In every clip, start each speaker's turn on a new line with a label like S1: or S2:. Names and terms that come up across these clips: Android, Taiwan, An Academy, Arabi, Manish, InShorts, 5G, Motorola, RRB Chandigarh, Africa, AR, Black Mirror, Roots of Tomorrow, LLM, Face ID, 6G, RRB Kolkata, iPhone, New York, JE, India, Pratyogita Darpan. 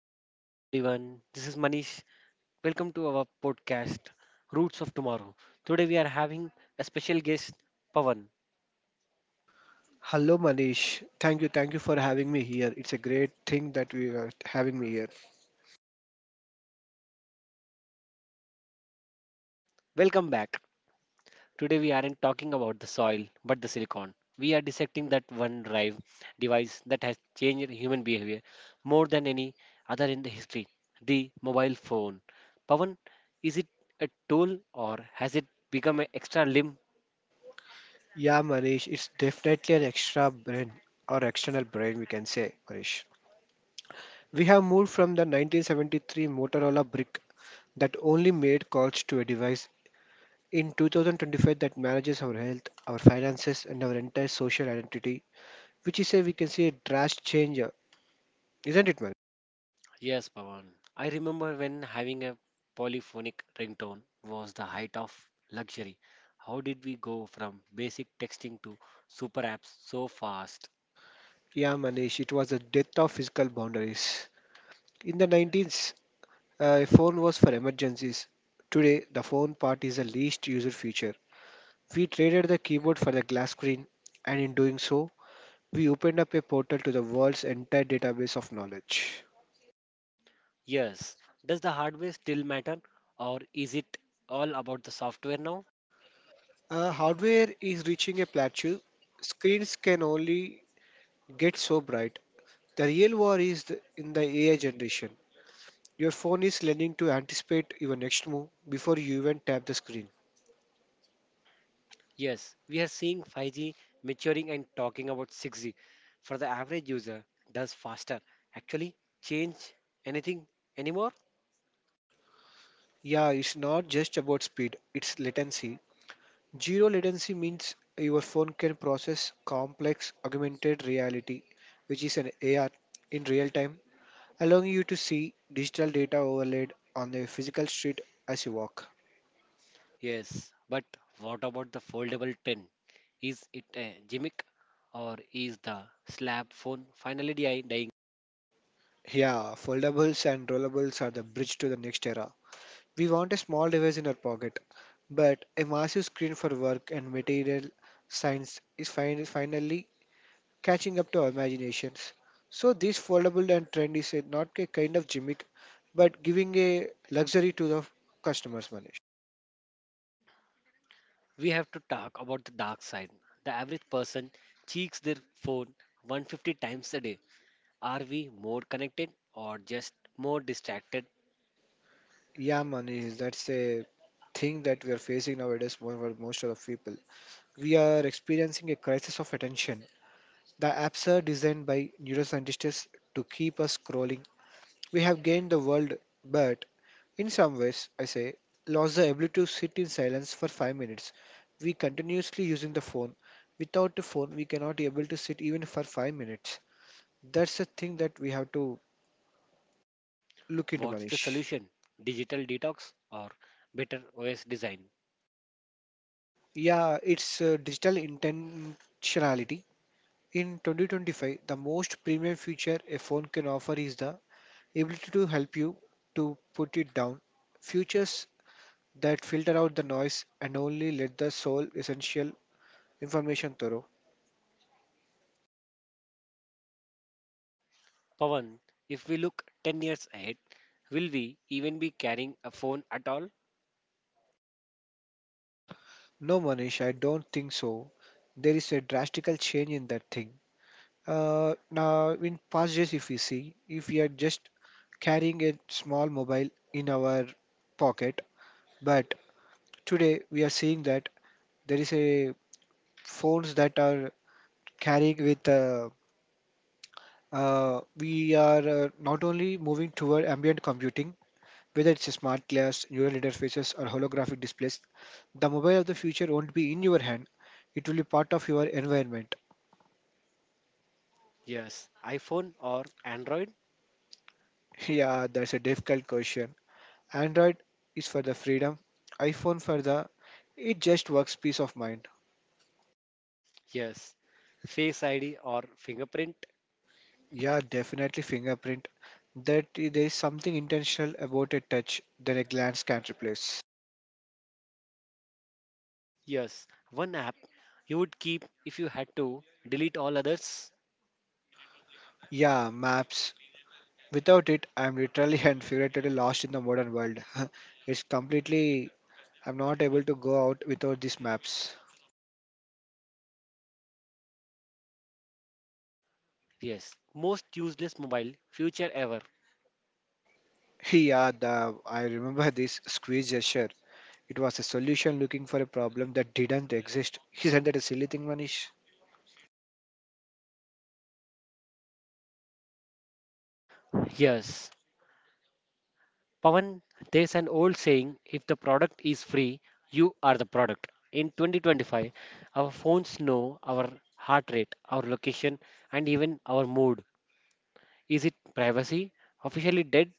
S1: Hello, good evening, everyone. This is Manish. Welcome to our podcast, Roots of Tomorrow. Today, we are having a special guest, Pavan.
S2: Hello, Manish. Thank you for having me here. It's a great thing that we are having me here.
S1: Welcome back. Today, we aren't talking about the soil, but the silicon. We are dissecting that one drive device that has changed human behavior more than any other in the history the mobile phone. Pavan, is it a tool or has it become an extra limb?
S2: Yeah, Manish, it's definitely an extra brain or external brain, we can say, Manish. We have moved from the 1973 Motorola brick that only made calls to a device in 2025 that manages our health, our finances, and our entire social identity, which is a we can say a drastic change, isn't it, Manish?
S1: Yes, Pawan. I remember when having a polyphonic ringtone was the height of luxury. How did we go from basic texting to super apps so fast?
S2: Yeah, Manish, it was the death of physical boundaries. In the 90s, a phone was for emergencies. Today, the phone part is the least user feature. We traded the keyboard for the glass screen, and in doing so, we opened up a portal to the world's entire database of knowledge.
S1: Yes. Does the hardware still matter or is it all about the software now?
S2: Hardware is reaching a plateau. Screens can only get so bright. The real war is in the AI generation. Your phone is learning to anticipate your next move before you even tap the screen.
S1: Yes, we are seeing 5G maturing and talking about 6G. For the average user, does faster actually change anything anymore?
S2: Yeah, it's not just about speed, it's latency. Zero latency means your phone can process complex augmented reality, which is an AR, in real time, allowing you to see digital data overlaid on the physical street as you walk.
S1: Yes, but what about the foldable tent? Is it a gimmick or is the slab phone finally dying?
S2: Yeah, foldables and rollables are the bridge to the next era. We want a small device in our pocket, but a massive screen for work and material science is finally catching up to our imaginations. So this foldable and trend is not a kind of gimmick, but giving a luxury to the customers, Manish.
S1: We have to talk about the dark side. The average person cheeks their phone 150 times a day. Are we more connected or just more distracted?
S2: Yeah, Manish, that's a thing that we are facing nowadays more for most of the people. We are experiencing a crisis of attention. The apps are designed by neuroscientists to keep us scrolling. We have gained the world, but in some ways, I say, lost the ability to sit in silence for 5 minutes. We continuously using the phone. Without the phone, we cannot be able to sit even for 5 minutes. That's the thing that we have to look into,
S1: What's the
S2: Manish.
S1: solution? Digital detox or better OS design?
S2: Yeah, it's digital intentionality. In 2025, the most premium feature a phone can offer is the ability to help you to put it down. Features that filter out the noise and only let the sole essential information through.
S1: Pawan, if we look 10 years ahead, will we even be carrying a phone at all?
S2: No, Manish, I don't think so. There is a drastical change in that thing. Now, in past days, if we see, if we are just carrying a small mobile in our pocket, but today we are seeing that there is a phones that are carrying with. We are not only moving toward ambient computing, whether it's a smart glass, neural interfaces, or holographic displays. The mobile of the future won't be in your hand; it will be part of your environment.
S1: Yes, iPhone or Android?
S2: Yeah, that's a difficult question. Android is for the freedom, iPhone for the it just works peace of mind.
S1: Yes. Face ID or fingerprint?
S2: Yeah, definitely fingerprint. There is something intentional about a touch that a glance can't replace.
S1: Yes. One app you would keep if you had to delete all others?
S2: Yeah, maps. Without it, I'm literally and figuratively lost in the modern world. It's completely. I'm not able to go out without these maps.
S1: Yes. Most useless mobile feature ever.
S2: Yeah, the I remember this squeeze gesture. It was a solution looking for a problem that didn't exist. Isn't that a silly thing, Manish?
S1: Yes. Pawan, there's an old saying if the product is free, you are the product. In 2025, our phones know our heart rate, our location, and even our mood. Is it privacy officially dead?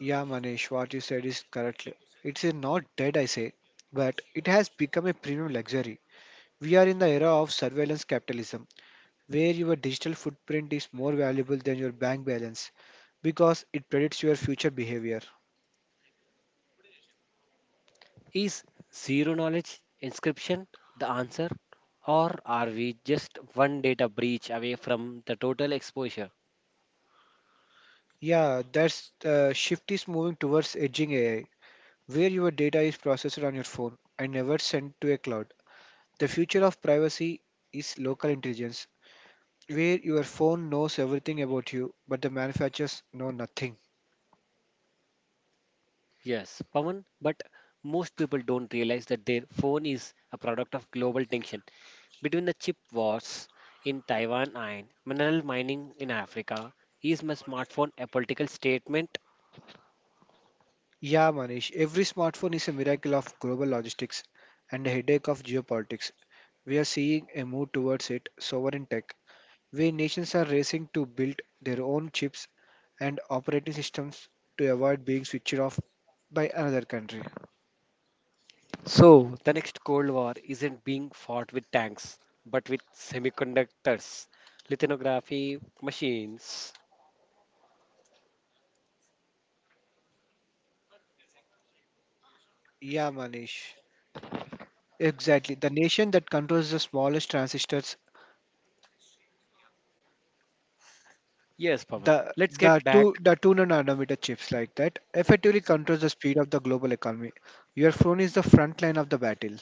S2: Yeah, Manish, what you said is correctly. It's a not dead, I say, but it has become a premium luxury. We are in the era of surveillance capitalism, where your digital footprint is more valuable than your bank balance because it predicts your future behavior.
S1: Is zero knowledge inscription the answer, or are we just one data breach away from the total exposure?
S2: Yeah, that's the shift is moving towards edging AI, where your data is processed on your phone and never sent to a cloud. The future of privacy is local intelligence, where your phone knows everything about you, but the manufacturers know nothing.
S1: Yes, Pawan, but most people don't realize that their phone is a product of global tension between the chip wars in Taiwan and mineral mining in Africa. Is my smartphone a political statement?
S2: Yeah, Manish, every smartphone is a miracle of global logistics and a headache of geopolitics. We are seeing a move towards it, sovereign tech, where nations are racing to build their own chips and operating systems to avoid being switched off by another country.
S1: So, the next Cold War isn't being fought with tanks, but with semiconductors, lithography machines.
S2: Yeah, Manish. Exactly. The nation that controls the smallest transistors.
S1: Yes, Pavan.
S2: The
S1: Let's
S2: the
S1: get back.
S2: two the two nanometer chips like that effectively controls the speed of the global economy. Your phone is the front line of the battle.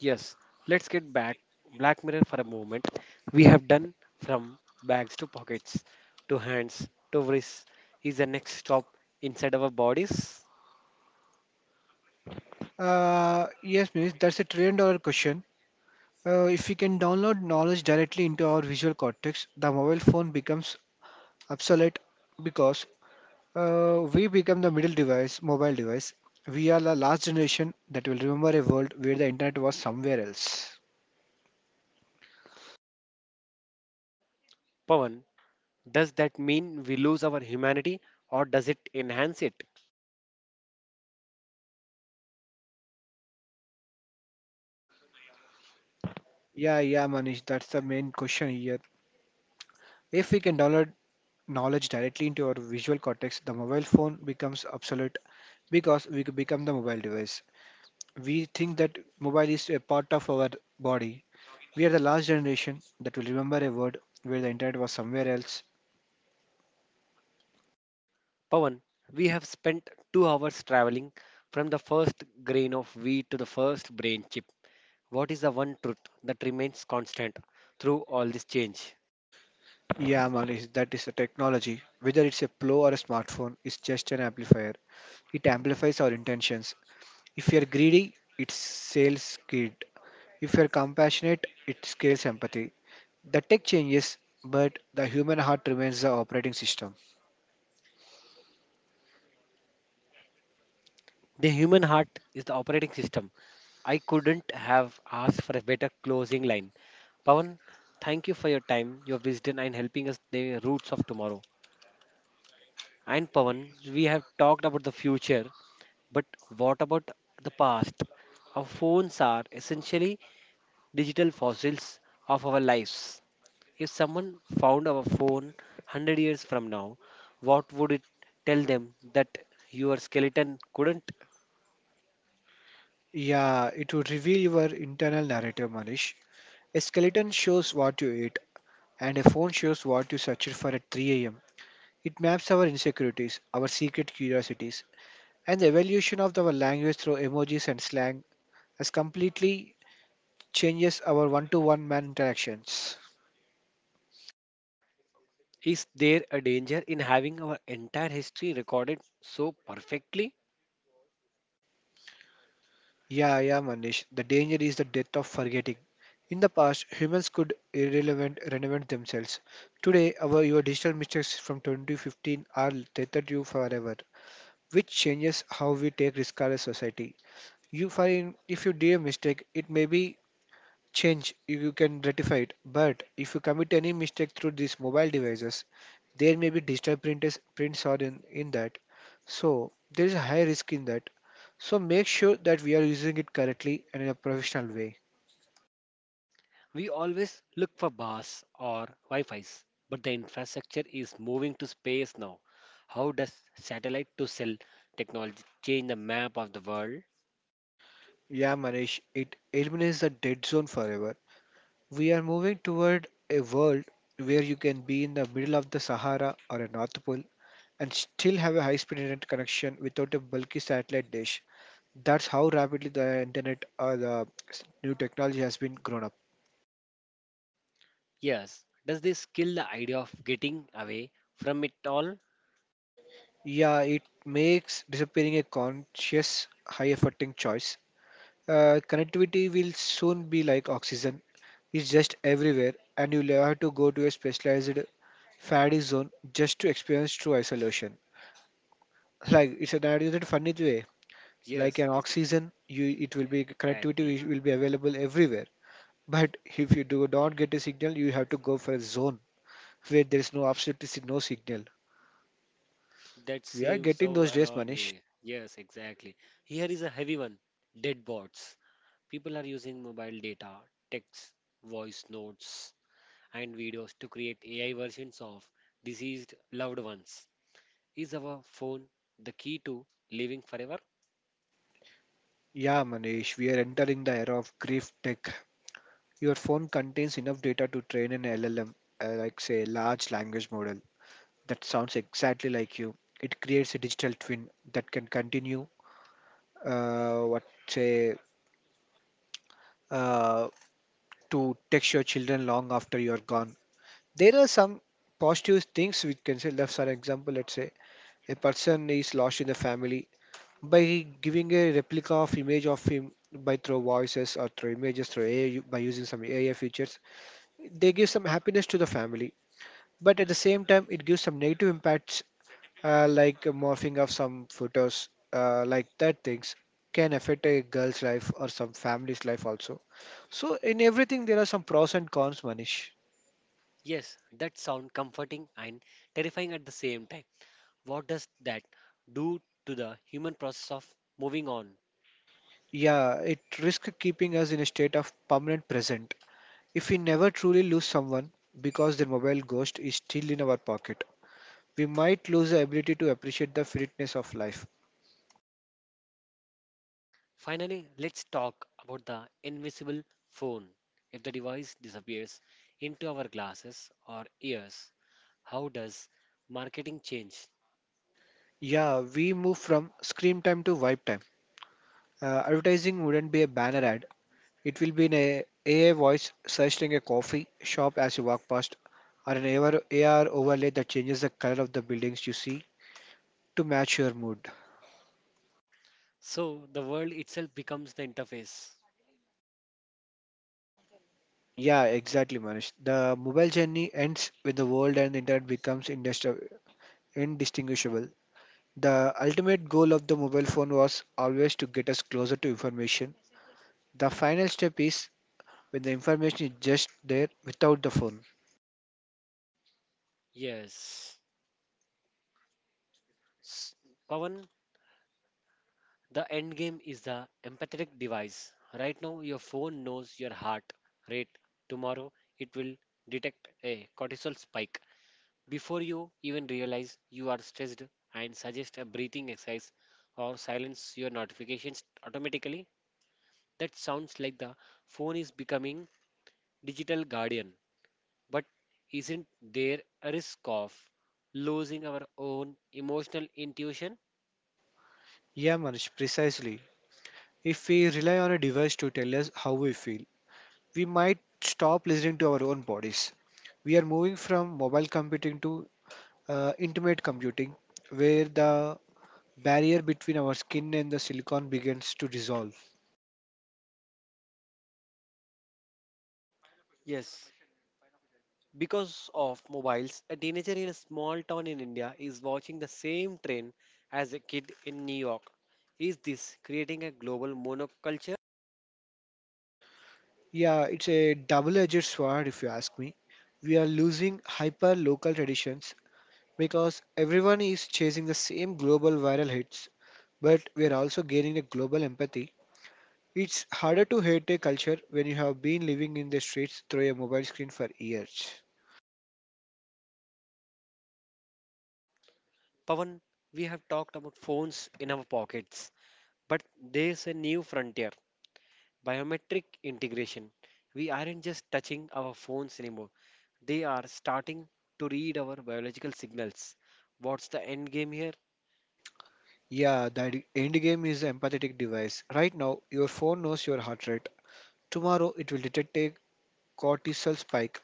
S1: Yes, let's get back. Black Mirror for a moment. We have done from bags to pockets to hands to wrists. Is the next stop inside our bodies?
S2: Yes, Miss, that's a trillion dollar question. If we can download knowledge directly into our visual cortex, the mobile phone becomes obsolete because we become the middle device, mobile device. We are the last generation that will remember a world where the internet was somewhere else.
S1: Pavan, does that mean we lose our humanity or does it enhance it?
S2: Yeah, Manish, that's the main question here. If we can download knowledge directly into our visual cortex, the mobile phone becomes obsolete because we become the mobile device. We think that mobile is a part of our body. We are the last generation that will remember a word where the internet was somewhere else.
S1: Pavan, we have spent 2 hours traveling from the first grain of wheat to the first brain chip. What is the one truth that remains constant through all this change?
S2: Yeah, man, that is a technology. Whether it's a Pro or a smartphone, it's just an amplifier. It amplifies our intentions. If you're greedy, it sells greed. If you're compassionate, it scales empathy. The tech changes, but the human heart remains the operating system.
S1: The human heart is the operating system. I couldn't have asked for a better closing line. Pawan, thank you for your time, your wisdom, and helping us the roots of tomorrow. And Pawan, we have talked about the future, but what about the past? Our phones are essentially digital fossils of our lives. If someone found our phone 100 years from now, what would it tell them that your skeleton couldn't?
S2: Yeah, it would reveal your internal narrative, Manish. A skeleton shows what you ate, and a phone shows what you searched for at 3 am. It maps our insecurities, our secret curiosities, and the evolution of our language through emojis and slang has completely changes our one to one man interactions.
S1: Is there a danger in having our entire history recorded so perfectly?
S2: Yeah, Manish. The danger is the death of forgetting. In the past, humans could irrelevant reinvent themselves. Today, our your digital mistakes from 2015 are tethered to you forever, which changes how we take risk as a society. You find if you do a mistake, it may be change, you can rectify it. But if you commit any mistake through these mobile devices, there may be digital printers, prints are in that. So there is a high risk in that. So make sure that we are using it correctly and in a professional way.
S1: We always look for bars or Wi-Fi's, but the infrastructure is moving to space now. How does satellite to cell technology change the map of the world?
S2: Yeah, Manish, it eliminates the dead zone forever. We are moving toward a world where you can be in the middle of the Sahara or a North Pole and still have a high speed internet connection without a bulky satellite dish. That's how rapidly the internet or the new technology has been grown up.
S1: Yes. Does this kill the idea of getting away from it all?
S2: Yeah, it makes disappearing a conscious, high efforting choice. Connectivity will soon be like oxygen, it's just everywhere, and you'll have to go to a specialized faddy zone just to experience true isolation. Like it's an added funny way, like
S1: Yes,
S2: an
S1: is it
S2: oxygen, you it will be
S1: exactly.
S2: connectivity will be available everywhere. But if you do not get a signal, you have to go for a zone where there is no absolutely no signal.
S1: That
S2: We are
S1: seems
S2: getting
S1: so
S2: those days, Manish.
S1: ironic. Yes, exactly. Here is a heavy one. Dead bots. People are using mobile data, text, voice notes and videos to create AI versions of deceased loved ones. Is our phone the key to living forever?
S2: Yeah, Manish, we are entering the era of grief tech. Your phone contains enough data to train an LLM, like say large language model. That sounds exactly like you. It creates a digital twin that can continue what say uh, to text your children long after you are gone. There are some positive things we can say. Like for example, let's say a person is lost in the family by giving a replica of image of him by through voices or through images through AI by using some AI features, they give some happiness to the family, but at the same time it gives some negative impacts, like morphing of some photos, like that things can affect a girl's life or some family's life also. So in everything there are some pros and cons, manish.
S1: Yes, that sounds comforting and terrifying at the same time. What does that do to the human process of moving on?
S2: Yeah, it risk keeping us in a state of permanent present. If we never truly lose someone because their mobile ghost is still in our pocket, we might lose the ability to appreciate the finiteness of life.
S1: Finally, let's talk about the invisible phone. If the device disappears into our glasses or ears, how does marketing change?
S2: Yeah, we move from screen time to wipe time. Advertising wouldn't be a banner ad, it will be an AI voice suggesting a coffee shop as you walk past, or an AR, overlay that changes the color of the buildings you see to match your mood.
S1: So the world itself becomes the interface.
S2: Yeah, exactly, Manish. The mobile journey ends when the world and the internet becomes indistinguishable. The ultimate goal of the mobile phone was always to get us closer to information. The final step is when the information is just there without the phone.
S1: Yes. S- Pawan, the end game is the empathetic device. Right now, your phone knows your heart rate. Tomorrow, it will detect a cortisol spike. Before you even realize you are stressed and suggest a breathing exercise or silence your notifications automatically, that sounds like the phone is becoming digital guardian. But isn't there a risk of losing our own emotional intuition?
S2: Yeah, Manish, precisely. If we rely on a device to tell us how we feel, we might stop listening to our own bodies. We are moving from mobile computing to intimate computing, where the barrier between our skin and the silicon begins to dissolve.
S1: Yes, because of mobiles, a teenager in a small town in India is watching the same trend as a kid in New York. Is this creating a global monoculture?
S2: Yeah, it's a double edged sword if you ask me. We are losing hyper local traditions because everyone is chasing the same global viral hits, but we are also gaining a global empathy. It's harder to hate a culture when you have been living in the streets through a mobile screen for years.
S1: Pavan, we have talked about phones in our pockets, but there's a new frontier biometric integration. We aren't just touching our phones anymore, they are starting to read our biological signals. What's the end game here?
S2: Yeah, that end game is an empathetic device. Right now, your phone knows your heart rate. Tomorrow, it will detect a cortisol spike.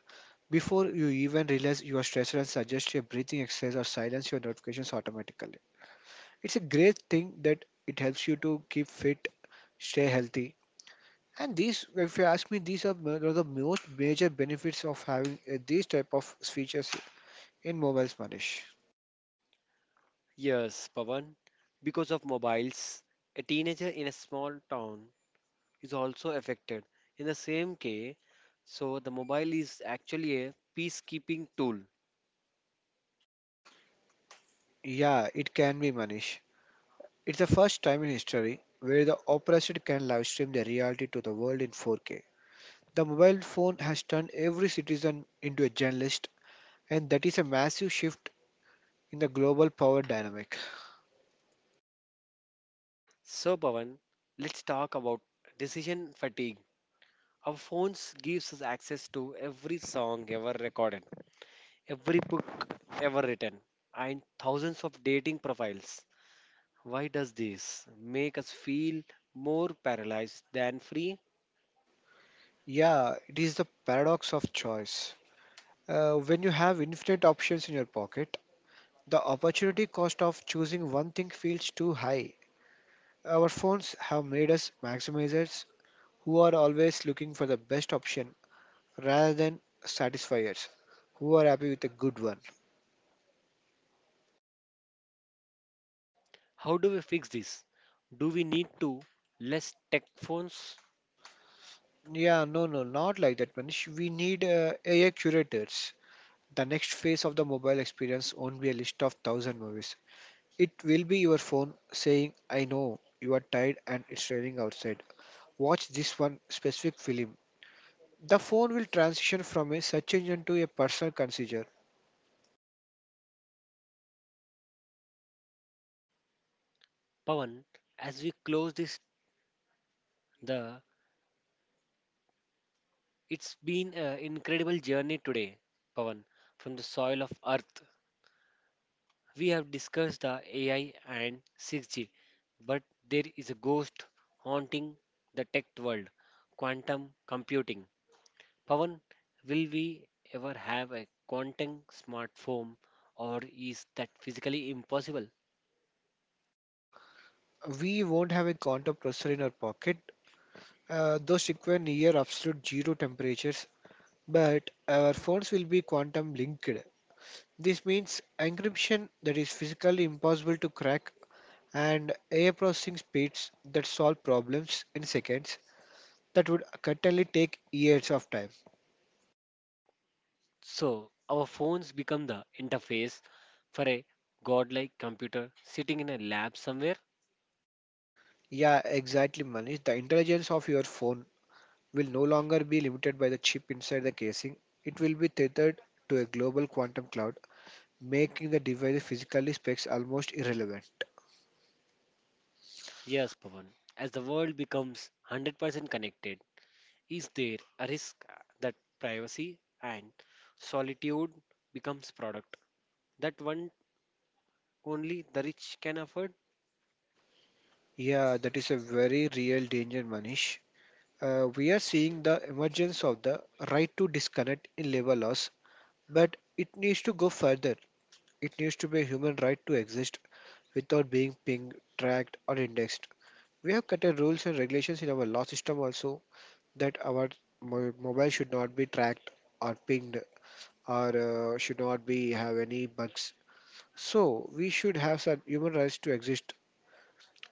S2: Before you even realize you are stressed and suggest a breathing exercise or silence your notifications automatically. It's a great thing that it helps you to keep fit, stay healthy, and these, if you ask me, these are one of the most major benefits of having these type of features in mobiles, Manish.
S1: Yes, Pavan. Because of mobiles, a teenager in a small town is also affected in the same way. So the mobile is actually a peacekeeping tool.
S2: Yeah, it can be, Manish. It's the first time in history where the operator can live stream the reality to the world in 4K. The mobile phone has turned every citizen into a journalist, and that is a massive shift in the global power dynamic.
S1: So Pavan, let's talk about decision fatigue. Our phones gives us access to every song ever recorded, every book ever written, and thousands of dating profiles. Why does this make us feel more paralyzed than free?
S2: Yeah, it is the paradox of choice. When you have infinite options in your pocket, the opportunity cost of choosing one thing feels too high. Our phones have made us maximizers who are always looking for the best option rather than satisfiers who are happy with a good one.
S1: How do we fix this? Do we need to less tech phones?
S2: Yeah, no, no, not like that, Manish. We need AI curators. The next phase of the mobile experience won't be a list of thousand movies. It will be your phone saying, I know you are tired and it's raining outside. Watch this one specific film. The phone will transition from a search engine to a personal consumer.
S1: Pavan, as we close this, the it's been an incredible journey today, Pavan. From the soil of Earth, we have discussed the AI and 6G, but there is a ghost haunting the tech world quantum computing. Pavan, will we ever have a quantum smartphone, or is that physically impossible?
S2: We won't have a quantum processor in our pocket. Those require near absolute zero temperatures, but our phones will be quantum linked. This means encryption that is physically impossible to crack and AI processing speeds that solve problems in seconds that would certainly take years of time.
S1: So, our phones become the interface for a godlike computer sitting in a lab somewhere.
S2: Yeah, exactly, Manish. The intelligence of your phone will no longer be limited by the chip inside the casing. It will be tethered to a global quantum cloud, making the device physically specs almost irrelevant.
S1: Yes, Pavan. As the world becomes 100% connected, is there a risk that privacy and solitude becomes product that one only the rich can afford?
S2: Yeah, that is a very real danger, Manish. We are seeing the emergence of the right to disconnect in labor laws, but it needs to go further. It needs to be a human right to exist without being pinged, tracked, or indexed. We have cut a rules and regulations in our law system also that our mobile should not be tracked or pinged or should not be have any bugs. So we should have some human rights to exist,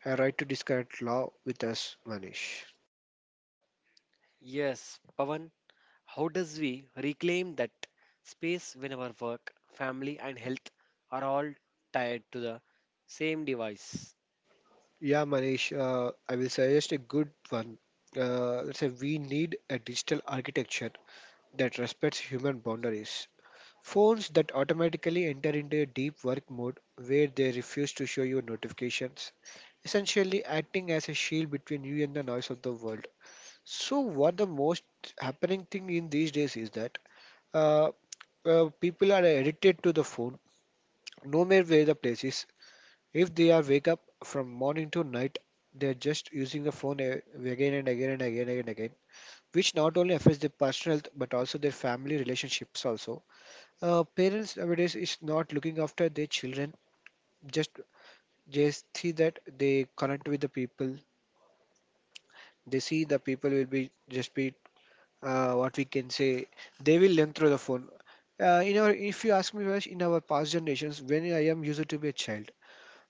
S2: a right to disconnect law with us, Manish.
S1: Yes, Pavan. How does we reclaim that space when our work, family and health are all tied to the same device?
S2: Yeah, Manish, I will suggest a good one. Let's say we need a digital architecture that respects human boundaries. Phones that automatically enter into a deep work mode where they refuse to show you notifications, essentially acting as a shield between you and the noise of the world. So, what the most happening thing in these days is that uh, people are addicted to the phone no matter where the place is. If they are wake up from morning to night, they're just using the phone again and again and again and again, which not only affects their personal health but also their family relationships also. Parents nowadays is not looking after their children, just just see that they connect with the people, they see the people will be just be what we can say, they will learn through the phone. In our, if you ask me, Vash, in our past generations when I am used to be a child,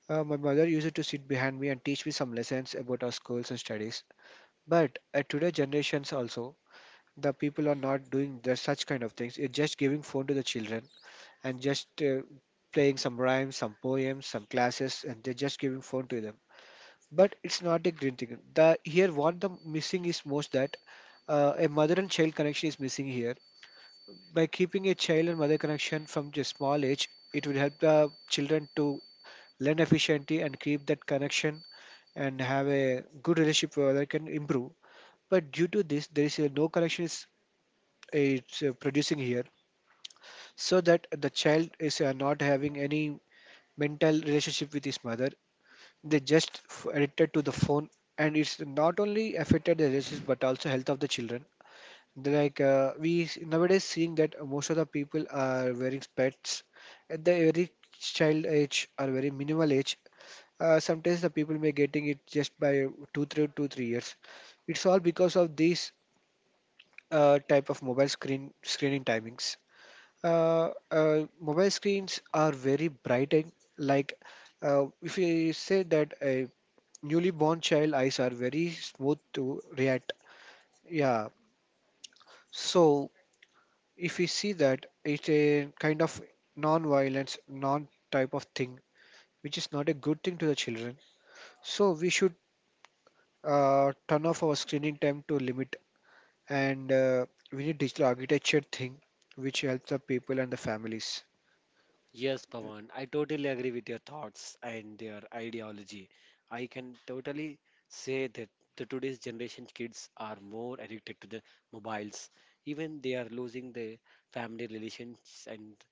S2: my mother used to sit behind me and teach me some lessons about our schools and studies. But at today generations also, the people are not doing the, such kind of things. It's just giving phone to the children and just playing some rhymes, some poems, some classes, and they're just giving phone to them. But it's not a green thing, the here what the missing is most that a mother and child connection is missing here. By keeping a child and mother connection from a small age, it will help the children to learn efficiently and keep that connection and have a good relationship where they can improve. But due to this, there is a no connection is it's producing here, so that the child is not having any mental relationship with his mother. They just addicted to the phone, and it's not only affected the relationship but also health of the children. Like we nowadays seeing that most of the people are wearing spats at the very child age or very minimal age. Sometimes the people may getting it just by two, three, two, 3 years. It's all because of these type of mobile screen screening timings. Mobile screens are very bright and, like, if you say that a newly born child eyes are very smooth to react. Yeah. So if we see that it's a kind of non-violence, non-type of thing, which is not a good thing to the children. So we should turn off our screening time to limit, and we need digital architecture thing, which helps the people and the families.
S1: Yes, Pawan, I totally agree with your thoughts and their ideology. I can totally say that the today's generation kids are more addicted to the mobiles. Even they are losing their family relations and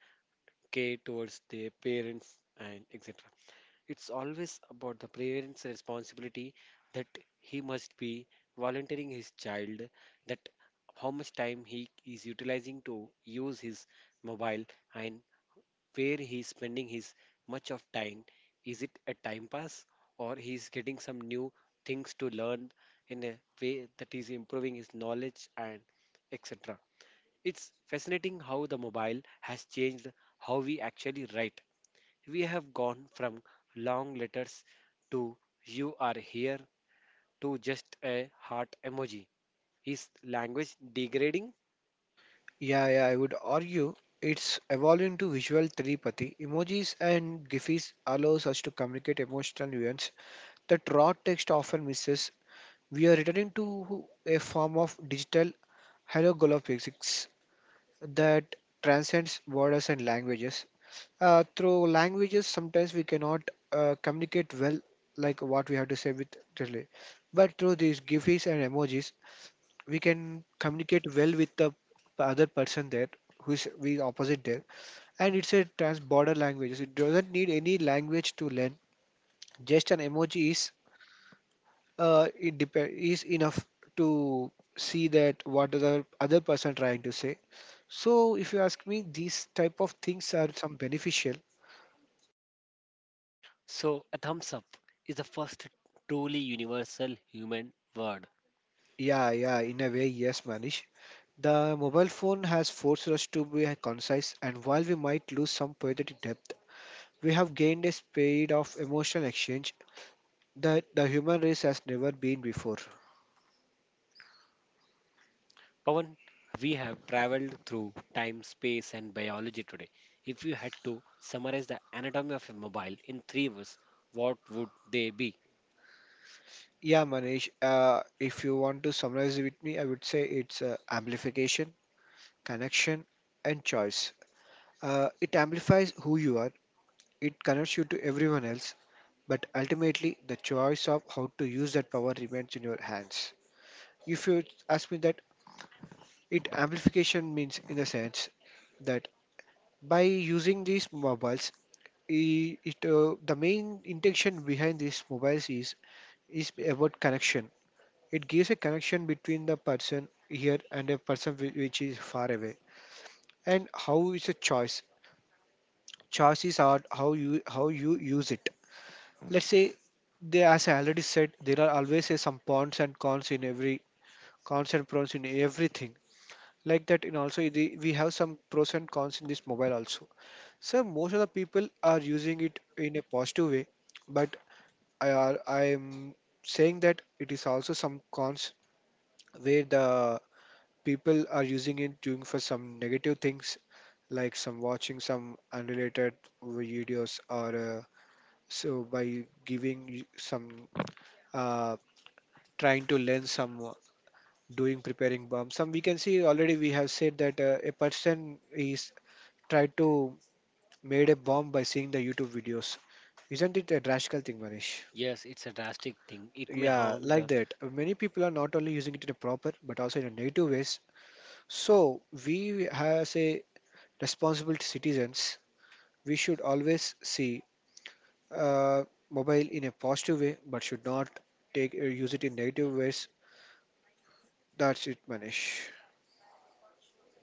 S1: care towards their parents and etc. It's always about the parent's responsibility that he must be volunteering his child, that how much time he is utilizing to use his mobile and where he's spending his much of time. Is it a time pass or he's getting some new things to learn in a way that is improving his knowledge and etc. It's fascinating how the mobile has changed how we actually write. We have gone from long letters to you are here to just a heart emoji. Is language degrading?
S2: Yeah, yeah, I would argue it's evolving to visual telepathy. Emojis and GIFs allows us to communicate emotional nuance that raw text often misses. We are returning to a form of digital holographics that transcends borders and languages. Through languages, sometimes we cannot communicate well, like what we have to say with Riley. But through these GIFs and emojis, we can communicate well with the other person there who is we opposite there, and it's a trans border language, so it doesn't need any language to learn. Just an emoji is is enough to see that what the other person trying to say. So if you ask me, these type of things are some beneficial.
S1: So, a thumbs up is the first truly universal human word.
S2: Yeah, yeah, in a way, yes, Manish. The mobile phone has forced us to be concise, and while we might lose some poetic depth, we have gained a speed of emotional exchange that the human race has never been before.
S1: Pawan, we have traveled through time, space, and biology today. If you had to summarize the anatomy of a mobile in three words, what would they be?
S2: Yeah, Manish, if you want to summarize it with me, I would say it's amplification, connection, and choice. It amplifies who you are, it connects you to everyone else, but ultimately the choice of how to use that power remains in your hands. If you ask me that, it amplification means in the sense that by using these mobiles, it the main intention behind these mobiles is about connection. It gives a connection between the person here and a person which is far away. And how is a choice? Choices are how you use it. Let's say there, as I already said, there are always some pros and cons in every, cons and pros in everything, like that in also the, we have some pros and cons in this mobile also. So most of the people are using it in a positive way, but I am saying that it is also some cons where the people are using it doing for some negative things, like some watching some unrelated videos, or so by giving you some, uh, trying to learn some, doing preparing bomb some. We can see already we have said that a person is tried to made a bomb by seeing the YouTube videos. Isn't it a drastic thing, Manish?
S1: Yes, it's a drastic thing. It may
S2: Yeah,
S1: harm
S2: like
S1: the.
S2: that. Many people are not only using it in a proper but also in a negative ways. So we as a responsible citizens, we should always see uh, mobile in a positive way but should not take use it in negative ways. That's it, Manish.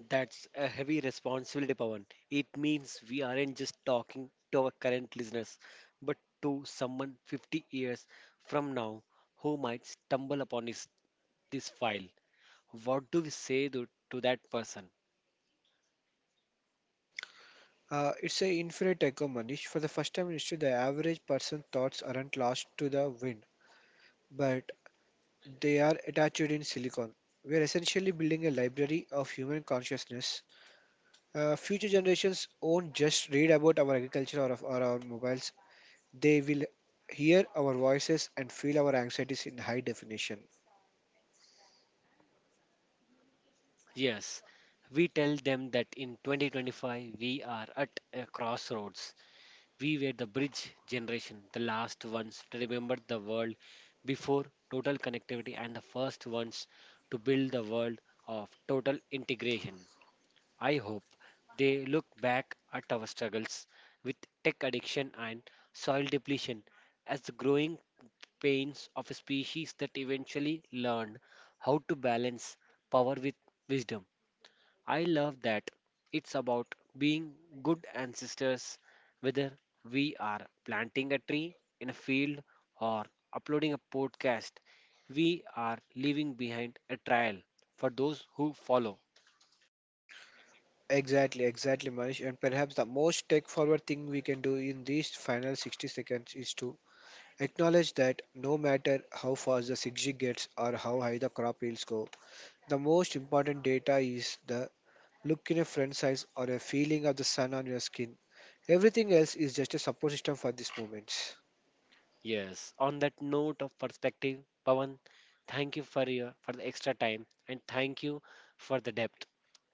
S1: That's a heavy responsibility, Pawan. It means we aren't just talking to our current listeners, but to someone 50 years from now who might stumble upon this file. What do we say to that person?
S2: It's a infinite echo, Manish. For the first time in history, the average person's thoughts aren't lost to the wind, but they are attached in silicon. We are essentially building a library of human consciousness. Future generations won't just read about our agriculture or our mobiles, they will hear our voices and feel our anxieties in high definition.
S1: Yes, we tell them that in 2025 we are at a crossroads. We were the bridge generation, the last ones to remember the world before total connectivity, and the first ones to build the world of total integration. I hope they look back at our struggles with tech addiction and soil depletion as the growing pains of a species that eventually learned how to balance power with wisdom. I love that it's about being good ancestors, whether we are planting a tree in a field or uploading a podcast. We are leaving behind a trail for those who follow.
S2: Exactly, exactly, Manish. And perhaps the most tech forward thing we can do in these final 60 seconds is to acknowledge that no matter how fast the zigzag gets or how high the crop yields go, the most important data is the look in a friend's eyes or a feeling of the sun on your skin. Everything else is just a support system for these moments.
S1: Yes, on that note of perspective, Pawan, thank you for your for the extra time and thank you for the depth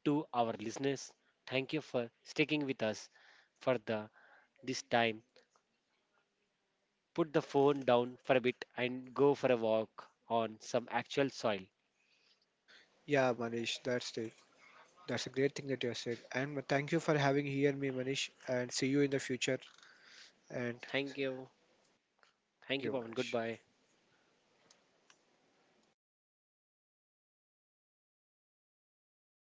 S1: to our listeners. Thank you for sticking with us for the this time put the phone down for a bit and go for a walk on some actual soil.
S2: Yeah, Manish, that's it. That's a great thing that you have said. And thank you for having here me, Manish. And see you in the future. And
S1: Thank you.
S2: thank
S1: Thank you,
S2: you,
S1: Pavan.
S2: Manish.
S1: Goodbye.